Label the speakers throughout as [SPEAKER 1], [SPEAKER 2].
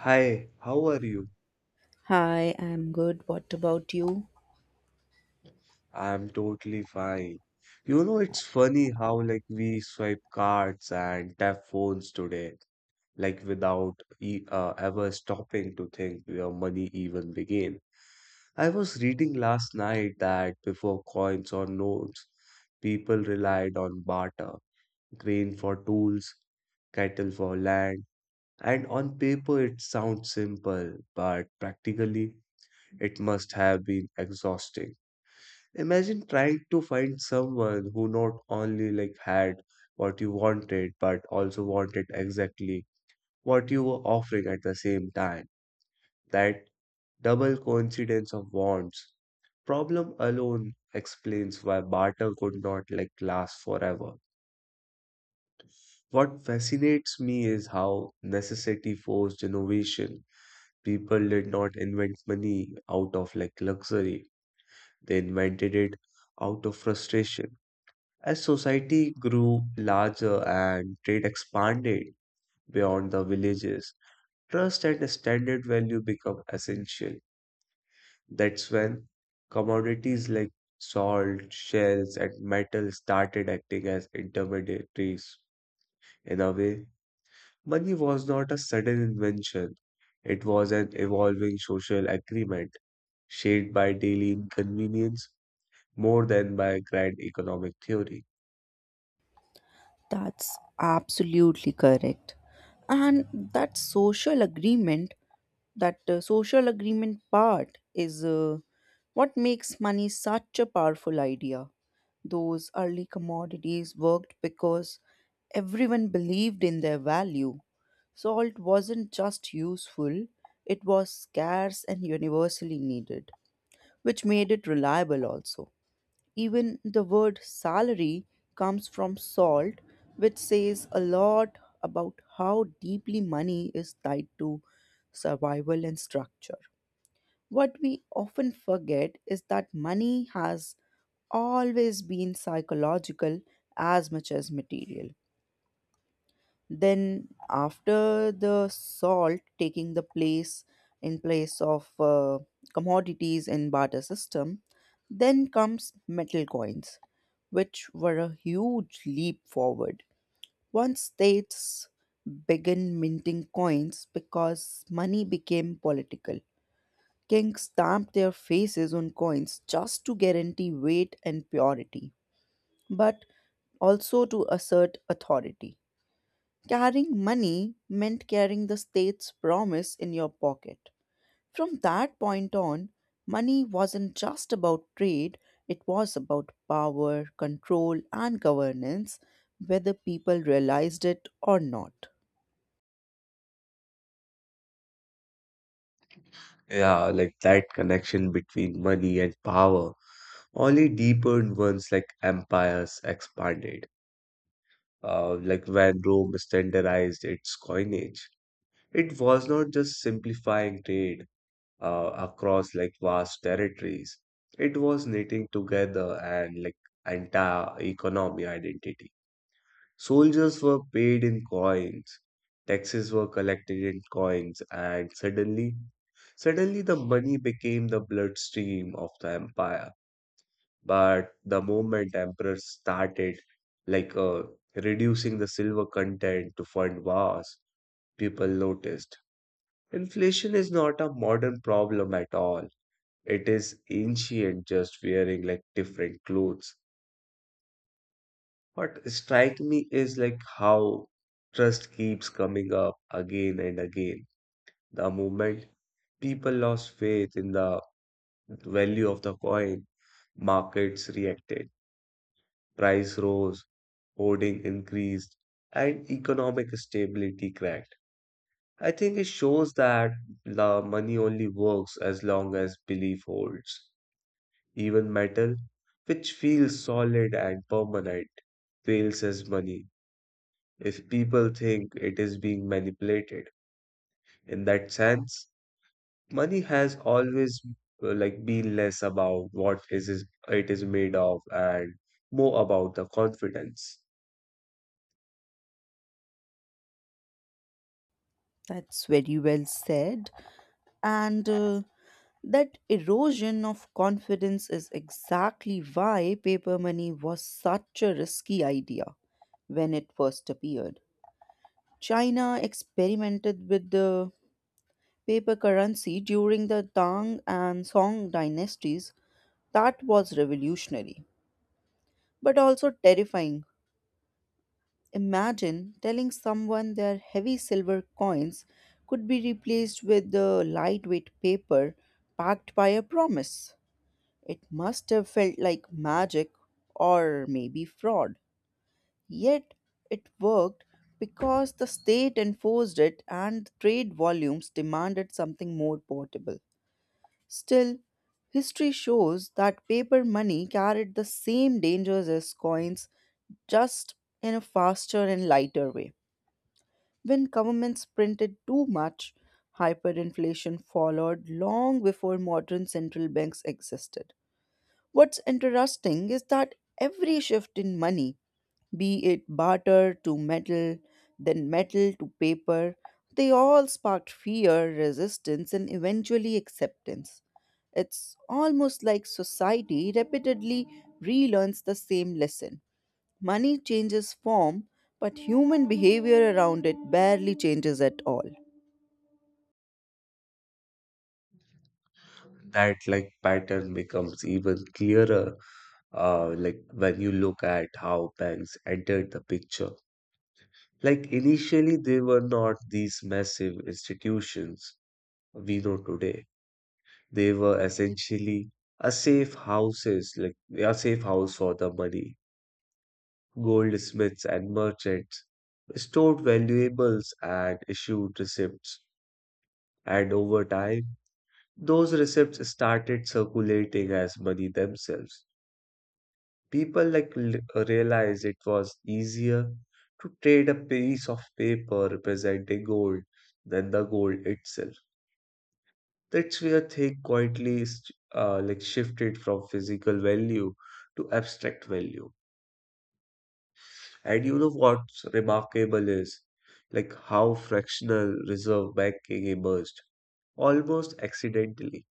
[SPEAKER 1] Hi, how are you?
[SPEAKER 2] Hi, I'm good. What about you?
[SPEAKER 1] I'm totally fine. It's funny how like we swipe cards and tap phones today, like without e ever stopping to think where money even began. I was reading last night that before coins or notes, people relied on barter, grain for tools, cattle for land, and on paper it sounds simple, but practically it must have been exhausting. Imagine trying to find someone who not only like had what you wanted, but also wanted exactly what you were offering at the same time. That double coincidence of wants problem alone explains why barter could not like last forever. What fascinates me is how necessity forced innovation. People did not invent money out of like luxury. They invented it out of frustration. As society grew larger and trade expanded beyond the villages, trust and standard value become essential. That's when commodities like salt, shells, and metal started acting as intermediaries. In a way, money was not a sudden invention, it was an evolving social agreement shaped by daily inconvenience more than by grand economic theory.
[SPEAKER 2] That's absolutely correct. And that social agreement, that social agreement part is what makes money such a powerful idea. Those early commodities worked because everyone believed in their value. Salt wasn't just useful, it was scarce and universally needed, which made it reliable also. Even the word salary comes from salt, which says a lot about how deeply money is tied to survival and structure. What we often forget is that money has always been psychological as much as material. Then after the salt taking the place in place of commodities in barter system, then comes metal coins, which were a huge leap forward. Once states began minting coins because money became political. Kings stamped their faces on coins just to guarantee weight and purity, but also to assert authority. Carrying money meant carrying the state's promise in your pocket. From that point on, money wasn't just about trade, it was about power, control, and governance, whether people realized it or not.
[SPEAKER 1] Yeah, like that connection between money and power only deepened once like empires expanded. Like when Rome standardized its coinage, it was not just simplifying trade across like vast territories. It was knitting together and like entire economy identity. Soldiers were paid in coins, taxes were collected in coins, and suddenly the money became the bloodstream of the empire. But the moment emperors started like reducing the silver content to fund wars, people noticed. Inflation is not a modern problem at all. It is ancient, just wearing like different clothes. What strikes me is like how trust keeps coming up again and again. The moment people lost faith in the value of the coin, markets reacted, price rose, hoarding increased, and economic stability cracked. I think it shows that the money only works as long as belief holds. Even metal, which feels solid and permanent, fails as money if people think it is being manipulated. In that sense, money has always like been less about what it is made of and more about the confidence.
[SPEAKER 2] That's very well said. And That erosion of confidence is exactly why paper money was such a risky idea when it first appeared. China experimented with the paper currency during the Tang and Song dynasties that was revolutionary, but also terrifying. Imagine telling someone their heavy silver coins could be replaced with the lightweight paper backed by a promise. It must have felt like magic or maybe fraud. Yet it worked because the state enforced it and trade volumes demanded something more portable. Still, history shows that paper money carried the same dangers as coins, just in a faster and lighter way. When governments printed too much, hyperinflation followed long before modern central banks existed. What's interesting is that every shift in money, be it barter to metal, then metal to paper, they all sparked fear, resistance, and eventually acceptance. It's almost like society repeatedly relearns the same lesson. Money changes form, but human behavior around it barely changes at all.
[SPEAKER 1] That like pattern becomes even clearer, like when you look at how banks entered the picture. Like initially, they were not these massive institutions we know today. They were essentially like a safe house for the money. Goldsmiths and merchants stored valuables and issued receipts, and over time, those receipts started circulating as money themselves. People like realized it was easier to trade a piece of paper representing gold than the gold itself. That's where Thich quietly like shifted from physical value to abstract value. And you know what's remarkable is like how fractional reserve banking emerged almost accidentally.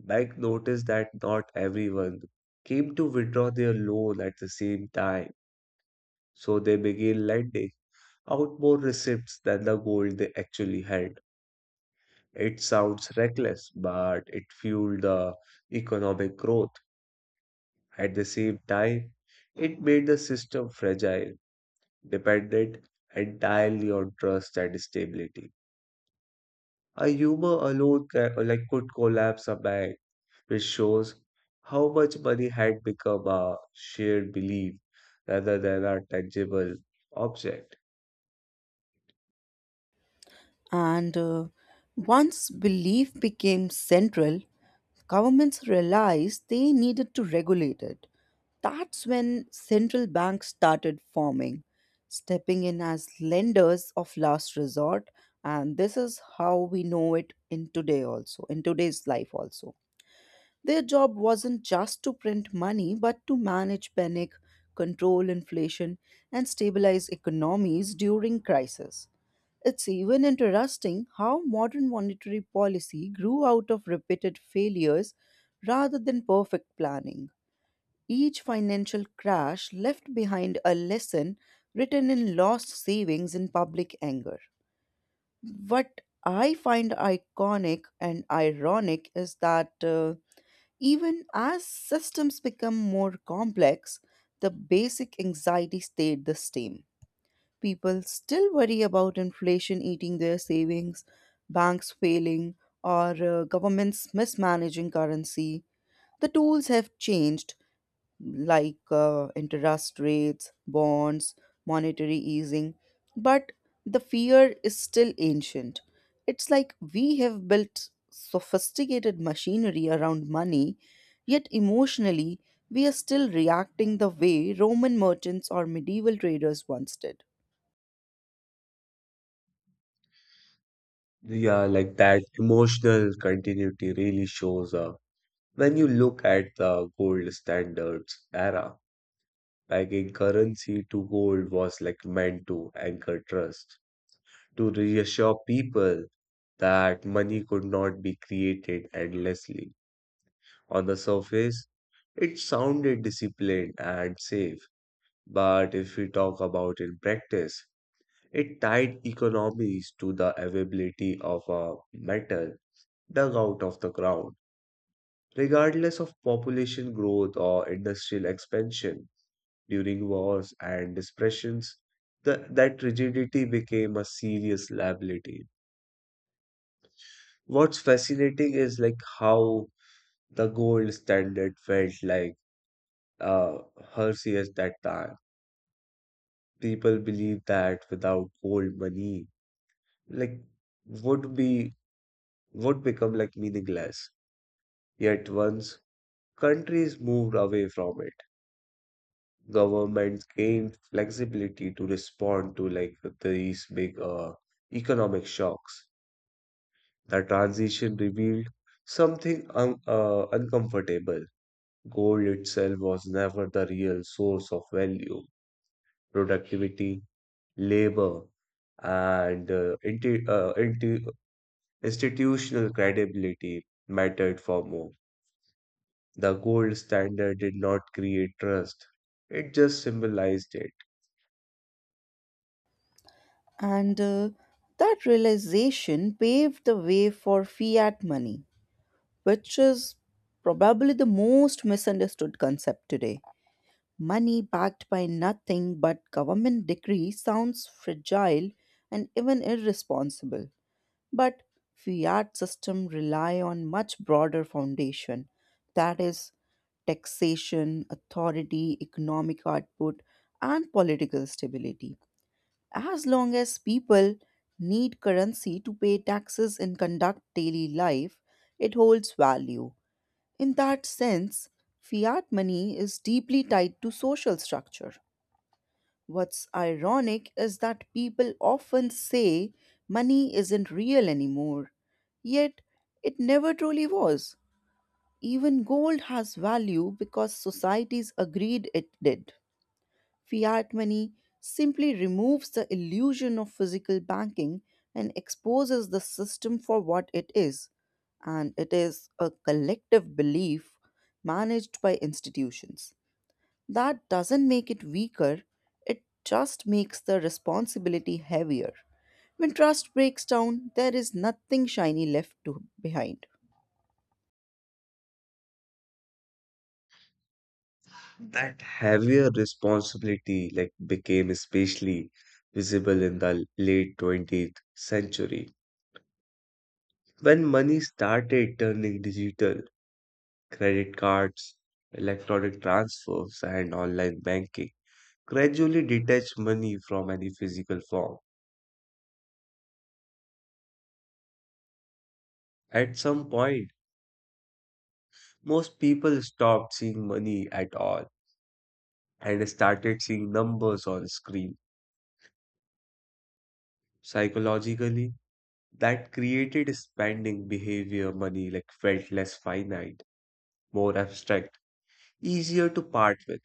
[SPEAKER 1] Bank noticed that not everyone came to withdraw their loan at the same time, so they began lending out more receipts than the gold they actually had. It sounds reckless, but it fueled the economic growth. At the same time, it made the system fragile, dependent entirely on trust and stability. A humor alone like could collapse a bank, which shows how much money had become a shared belief rather than a tangible object.
[SPEAKER 2] And Once belief became central, governments realized they needed to regulate it. That's when central banks started forming, stepping in as lenders of last resort. And this is how we know it in today also, in today's life also. Their job wasn't just to print money, but to manage panic, control inflation, and stabilize economies during crisis. It's even interesting how modern monetary policy grew out of repeated failures rather than perfect planning. Each financial crash left behind a lesson written in lost savings and public anger. What I find iconic and ironic is that even as systems become more complex, the basic anxiety stayed the same. People still worry about inflation eating their savings, banks failing, or governments mismanaging currency. The tools have changed, like interest rates, bonds, monetary easing. But the fear is still ancient. It's like we have built sophisticated machinery around money, yet emotionally, we are still reacting the way Roman merchants or medieval traders once did.
[SPEAKER 1] Yeah, like that emotional continuity really shows up when you look at the gold standards era. Like in currency to gold was like meant to anchor trust to reassure people that money could not be created endlessly. On the surface, it sounded disciplined and safe, but if we talk about in practice, it tied economies to the availability of a metal dug out of the ground, regardless of population growth or industrial expansion. During wars and depressions, that rigidity became a serious liability. What's fascinating is like how the gold standard felt like uh Hershey's that time. People believed that without gold money, like would be would become like meaningless. Yet once countries moved away from it, governments gained flexibility to respond to like these big economic shocks. The transition revealed something un uncomfortable. Gold itself was never the real source of value. Productivity, labor, and institutional credibility mattered for more. The gold standard did not create trust, it just symbolized it.
[SPEAKER 2] And That realization paved the way for fiat money, which is probably the most misunderstood concept today. Money backed by nothing but government decree sounds fragile and even irresponsible. But fiat system rely on much broader foundation, that is taxation, authority, economic output, and political stability. As long as people need currency to pay taxes and conduct daily life, it holds value. In that sense, fiat money is deeply tied to social structure. What's ironic is that people often say money isn't real anymore, yet it never truly was. Even gold has value because societies agreed it did. Fiat money simply removes the illusion of physical banking and exposes the system for what it is, and it is a collective belief managed by institutions. That doesn't make it weaker, it just makes the responsibility heavier. When trust breaks down, there is nothing shiny left to behind.
[SPEAKER 1] That heavier responsibility like became especially visible in the late 20th century when money started turning digital. Credit cards, electronic transfers, and online banking gradually detach money from any physical form. At some point, most people stopped seeing money at all and started seeing numbers on screen. Psychologically, that created a spending behavior money like felt less finite, more abstract, easier to part with.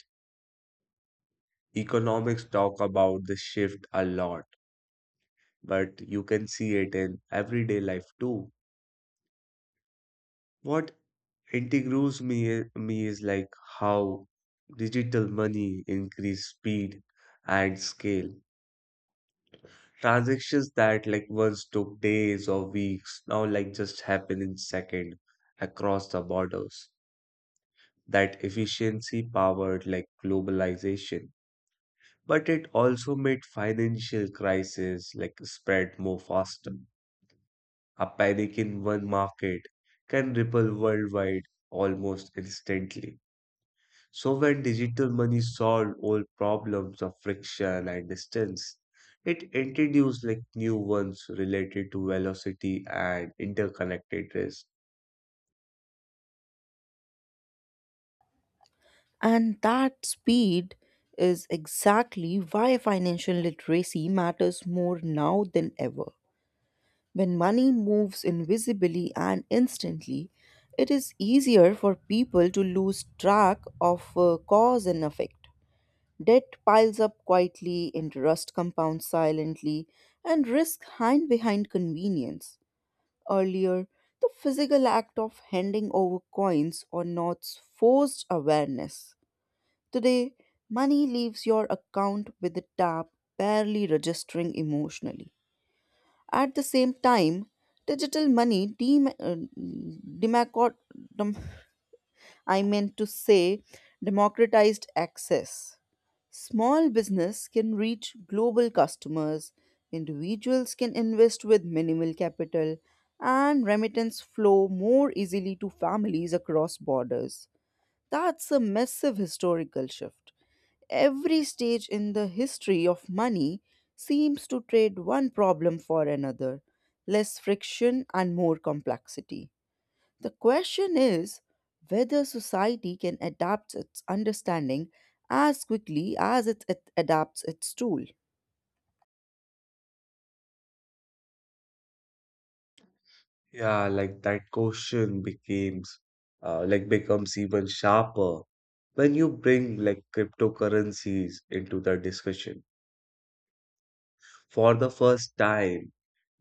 [SPEAKER 1] Economics talk about the shift a lot, but you can see it in everyday life too. What integrates me is like how digital money increase speed and scale. Transactions that like once took days or weeks now like just happen in second across the borders. That efficiency powered like globalization, but it also made financial crisis like spread more faster. A panic in one market can ripple worldwide almost instantly. So when digital money solved old problems of friction and distance, it introduced like new ones related to velocity and interconnectedness.
[SPEAKER 2] And that speed is exactly why financial literacy matters more now than ever. When money moves invisibly and instantly, it is easier for people to lose track of cause and effect. Debt piles up quietly, interest compounds silently, and risk hide behind convenience. Earlier, the physical act of handing over coins or notes forced awareness. Today, money leaves your account with a tap, barely registering emotionally. At the same time, digital money dem- demacot- dem- I meant to say democratized access. Small business can reach global customers, individuals can invest with minimal capital, and remittance flow more easily to families across borders. That's a massive historical shift. Every stage in the history of money seems to trade one problem for another, less friction and more complexity. The question is whether society can adapt its understanding as quickly as it adapts its tool.
[SPEAKER 1] Yeah, like that question becomes like becomes even sharper when you bring like cryptocurrencies into the discussion. For the first time,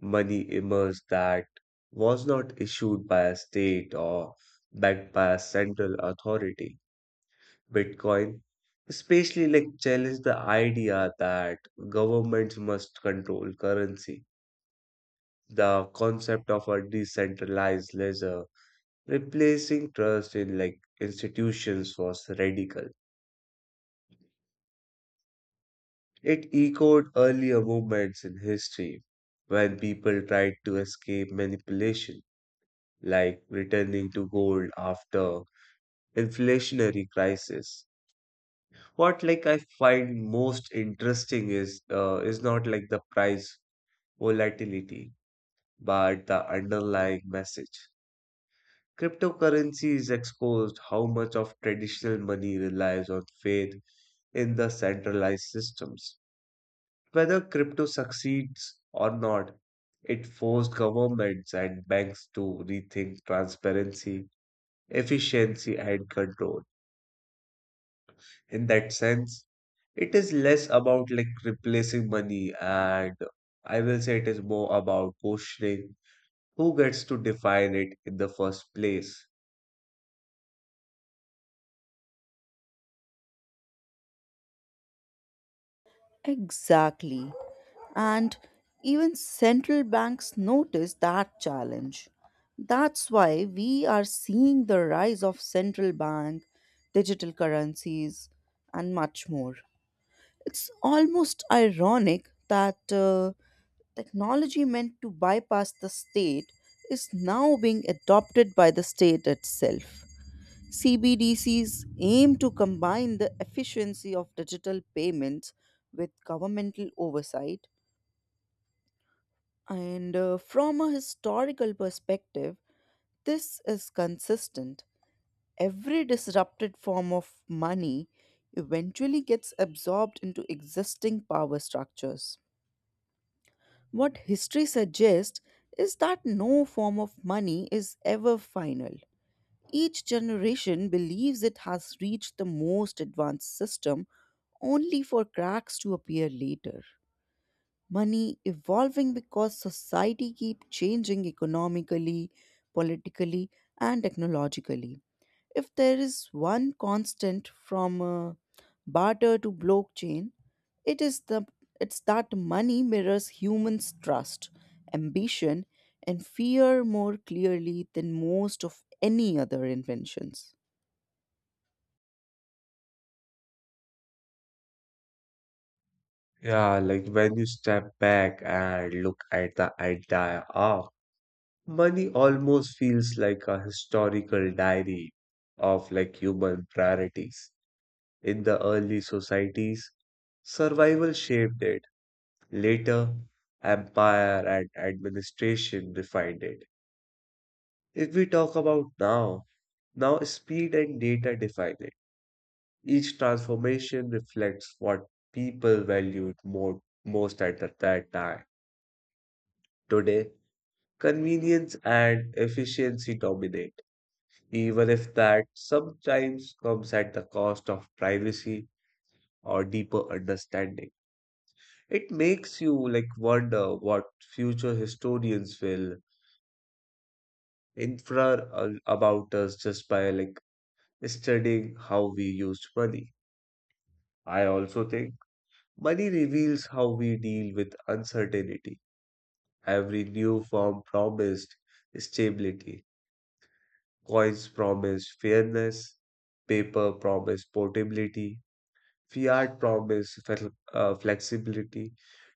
[SPEAKER 1] money emerged that was not issued by a state or backed by a central authority. Bitcoin, especially like challenge the idea that governments must control currency. The concept of a decentralized ledger replacing trust in like institutions was radical. It echoed earlier movements in history when people tried to escape manipulation, like returning to gold after inflationary crisis. What like I find most interesting is not like the price volatility, but the underlying message. Cryptocurrency is exposed how much of traditional money relies on faith in the centralized systems. Whether crypto succeeds or not, it forced governments and banks to rethink transparency, efficiency, and control. In that sense, it is less about like replacing money and I will say it is more about questioning who gets to define it in the first place?
[SPEAKER 2] Exactly. And even central banks notice that challenge. That's why we are seeing the rise of central bank, digital currencies, and much more. It's almost ironic that technology meant to bypass the state is now being adopted by the state itself. CBDCs aim to combine the efficiency of digital payments with governmental oversight. And From a historical perspective, this is consistent. Every disrupted form of money eventually gets absorbed into existing power structures. What history suggests is that no form of money is ever final. Each generation believes it has reached the most advanced system only for cracks to appear later. Money evolving because society keep changing economically, politically and technologically. If there is one constant from barter to blockchain, it is the it's that money mirrors humans' trust, ambition and fear more clearly than most of any other inventions.
[SPEAKER 1] Yeah, like when you step back and look at the entire arc, money almost feels like a historical diary of like human priorities. In the early societies, survival shaped it. Later, empire and administration defined it. If we talk about now, now speed and data define it. Each transformation reflects what people valued most at that time. Today, convenience and efficiency dominate, even if that sometimes comes at the cost of privacy or deeper understanding. It makes you like wonder what future historians will infer about us just by like studying how we used money. I also think money reveals how we deal with uncertainty. Every new form promised stability. Coins promised fairness. Paper promised portability. Fiat promised flexibility.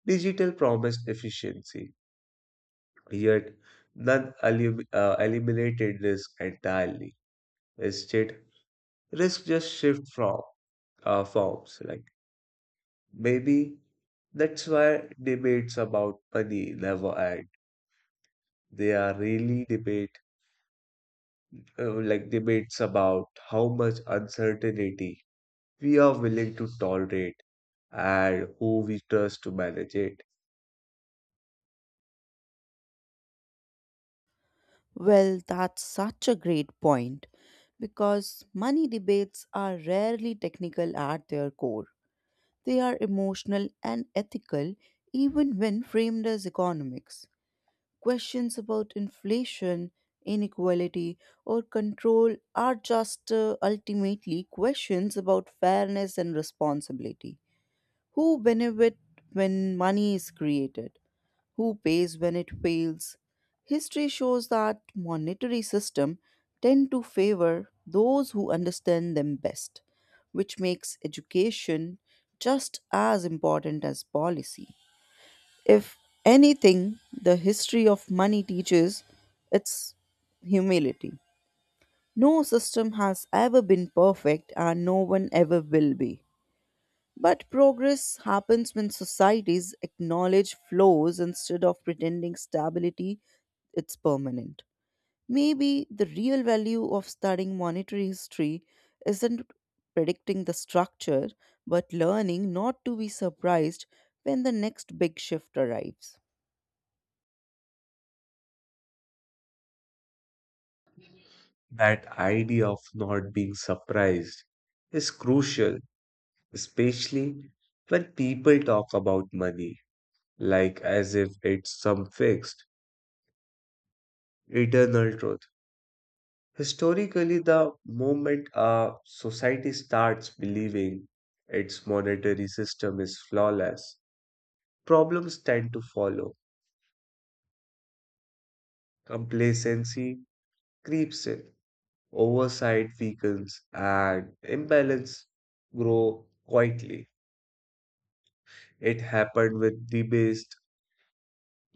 [SPEAKER 1] Digital promised efficiency. Yet none eliminated risk entirely. Instead, risk just shift from forms. Like maybe that's why debates about money never end. They are really debate like debates about how much uncertainty we are willing to tolerate and who we trust to manage it.
[SPEAKER 2] Well, that's such a great point because money debates are rarely technical at their core. They are emotional and ethical even when framed as economics. Questions about inflation, inequality, or control are just ultimately questions about fairness and responsibility. Who benefit when money is created? Who pays when it fails. History shows that monetary system tend to favor those who understand them best, which makes education just as important as policy. If anything, the history of money teaches its humility. No system has ever been perfect and no one ever will be. But progress happens when societies acknowledge flaws instead of pretending stability it's permanent. Maybe the real value of studying monetary history isn't predicting the structure, but learning not to be surprised when the next big shift arrives.
[SPEAKER 1] That idea of not being surprised is crucial, especially when people talk about money, like as if it's some fixed, eternal truth. Historically, the moment a society starts believing its monetary system is flawless, problems tend to follow. Complacency creeps in, oversight weakens, and imbalance grow quietly. It happened with debased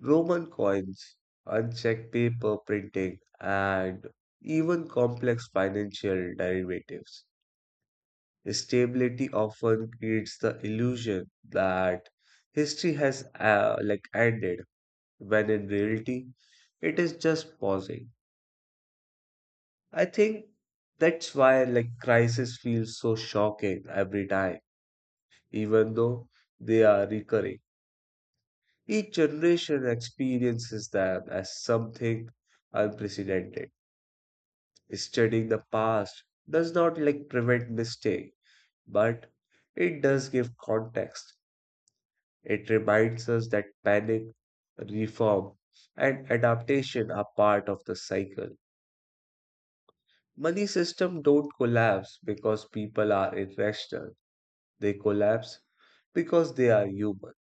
[SPEAKER 1] Roman coins, unchecked paper printing, and even complex financial derivatives. Stability often creates the illusion that history has like ended, when in reality it is just pausing. I think that's why like crises feel so shocking every time, even though they are recurring. Each generation experiences them as something unprecedented. Studying the past does not like prevent mistake, but it does give context. It reminds us that panic, reform, and adaptation are part of the cycle. Money system don't collapse because people are irrational. They collapse because they are human.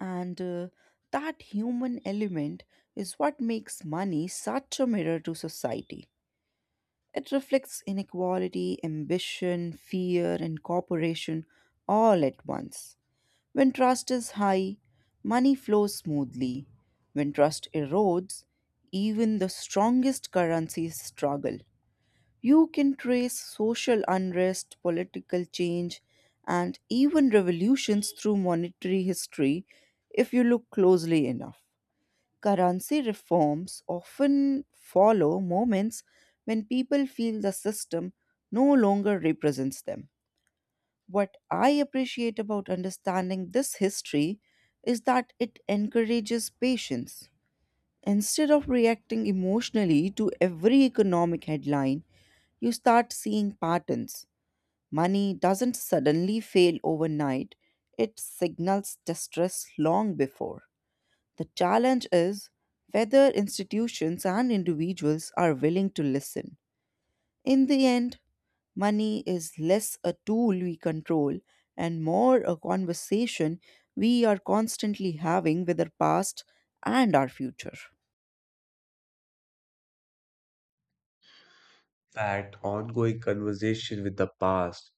[SPEAKER 2] And That human element is what makes money such a mirror to society. It reflects inequality, ambition, fear, and cooperation all at once. When trust is high, money flows smoothly. When trust erodes, even the strongest currencies struggle. You can trace social unrest, political change, and even revolutions through monetary history if you look closely enough. Currency reforms often follow moments when people feel the system no longer represents them. What I appreciate about understanding this history is that it encourages patience. Instead of reacting emotionally to every economic headline, you start seeing patterns. Money doesn't suddenly fail overnight, it signals distress long before. The challenge is whether institutions and individuals are willing to listen. In the end, money is less a tool we control and more a conversation we are constantly having with our past and our future.
[SPEAKER 1] That ongoing conversation with the past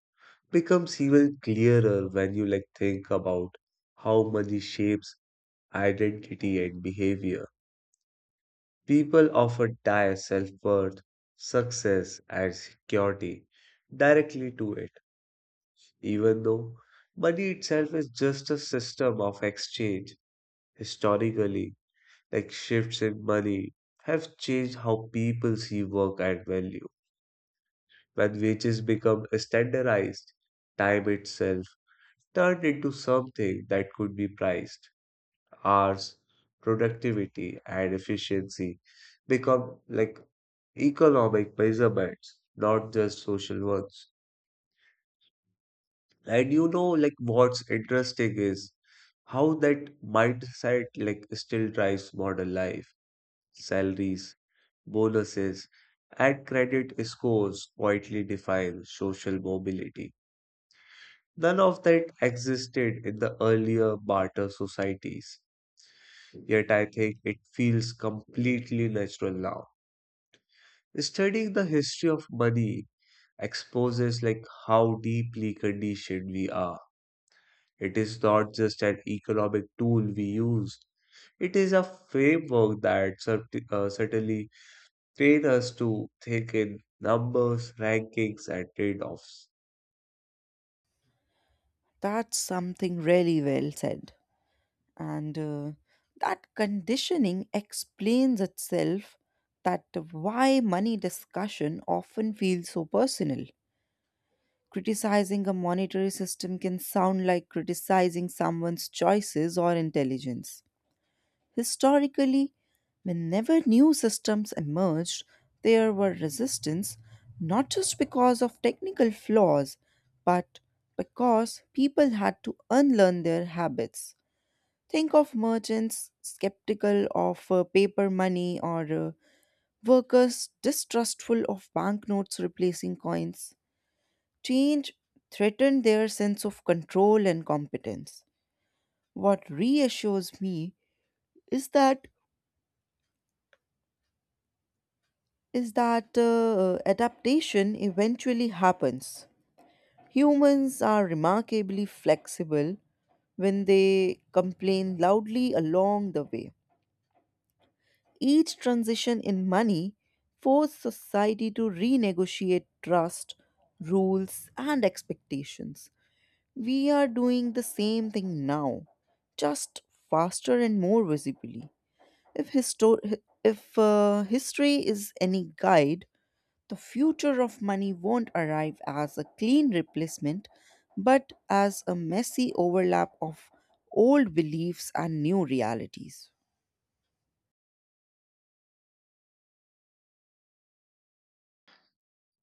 [SPEAKER 1] becomes even clearer when you like think about how money shapes identity and behavior. People often tie self-worth, success, and security directly to it, even though money itself is just a system of exchange. Historically, like shifts in money have changed how people see work and value. When wages become standardized, time itself turned into something that could be priced. Hours, productivity, and efficiency become like economic measurements, not just social ones. And like what's interesting is how that mindset like still drives modern life. Salaries, bonuses, and credit scores quietly define social mobility. None of that existed in the earlier barter societies, yet I think it feels completely natural now. Studying the history of money exposes like how deeply conditioned we are. It is not just an economic tool we use. It is a framework that certainly train us to think in numbers, rankings, and trade-offs.
[SPEAKER 2] That's something really well said. And That conditioning explains itself that why money discussion often feels so personal. Criticizing a monetary system can sound like criticizing someone's choices or intelligence. Historically, whenever new systems emerged, there were resistance not just because of technical flaws, but because people had to unlearn their habits. Think of merchants skeptical of paper money or workers distrustful of banknotes replacing coins. Change threatened their sense of control and competence. What reassures me is that is that adaptation eventually happens. Humans are remarkably flexible when they complain loudly along the way. Each transition in money forced society to renegotiate trust, rules, and expectations. We are doing the same thing now, just faster and more visibly. If, histo- hi- if history is any guide, the future of money won't arrive as a clean replacement, but as a messy overlap of old beliefs and new realities.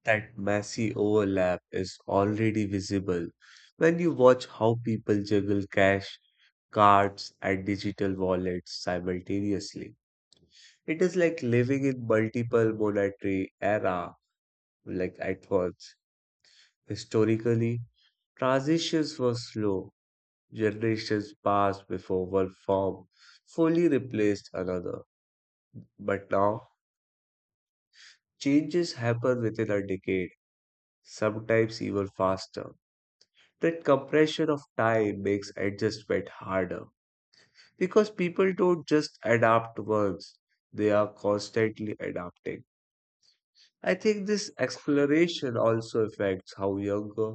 [SPEAKER 1] That messy overlap is already visible when you watch how people juggle cash, cards, and digital wallets simultaneously. It is like living in multiple monetary era like at once. Historically, transitions were slow. Generations passed before one form fully replaced another. But now, changes happen within a decade, sometimes even faster. That compression of time makes adjustment harder because people don't just adapt once, they are constantly adapting. I think this acceleration also affects how younger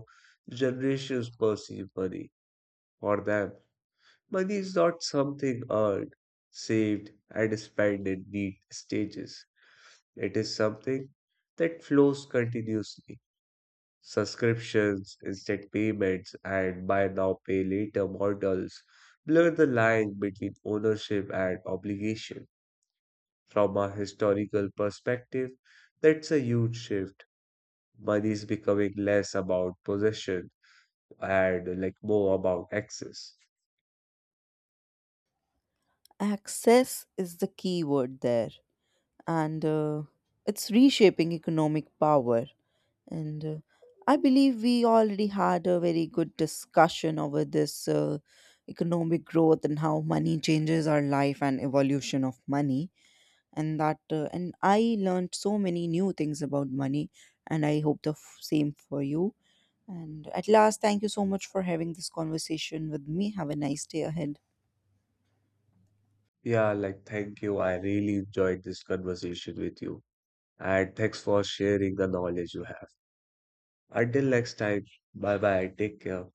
[SPEAKER 1] generations perceive money. For them, money is not something earned, saved, and spent in neat stages, it is something that flows continuously. Subscriptions, instant payments, and buy now, pay later models blur the line between ownership and obligation. From a historical perspective, that's a huge shift. Money is becoming less about possession and like more about access.
[SPEAKER 2] Access is the key word there. And it's reshaping economic power. And I believe we already had a very good discussion over this economic growth and how money changes our life and evolution of money. And I learned so many new things about money, and I hope the same for you. And at last, thank you so much for having this conversation with me. Have a nice day ahead.
[SPEAKER 1] Yeah, like thank you. I really enjoyed this conversation with you. And thanks for sharing the knowledge you have. Until next time, bye bye. Take care.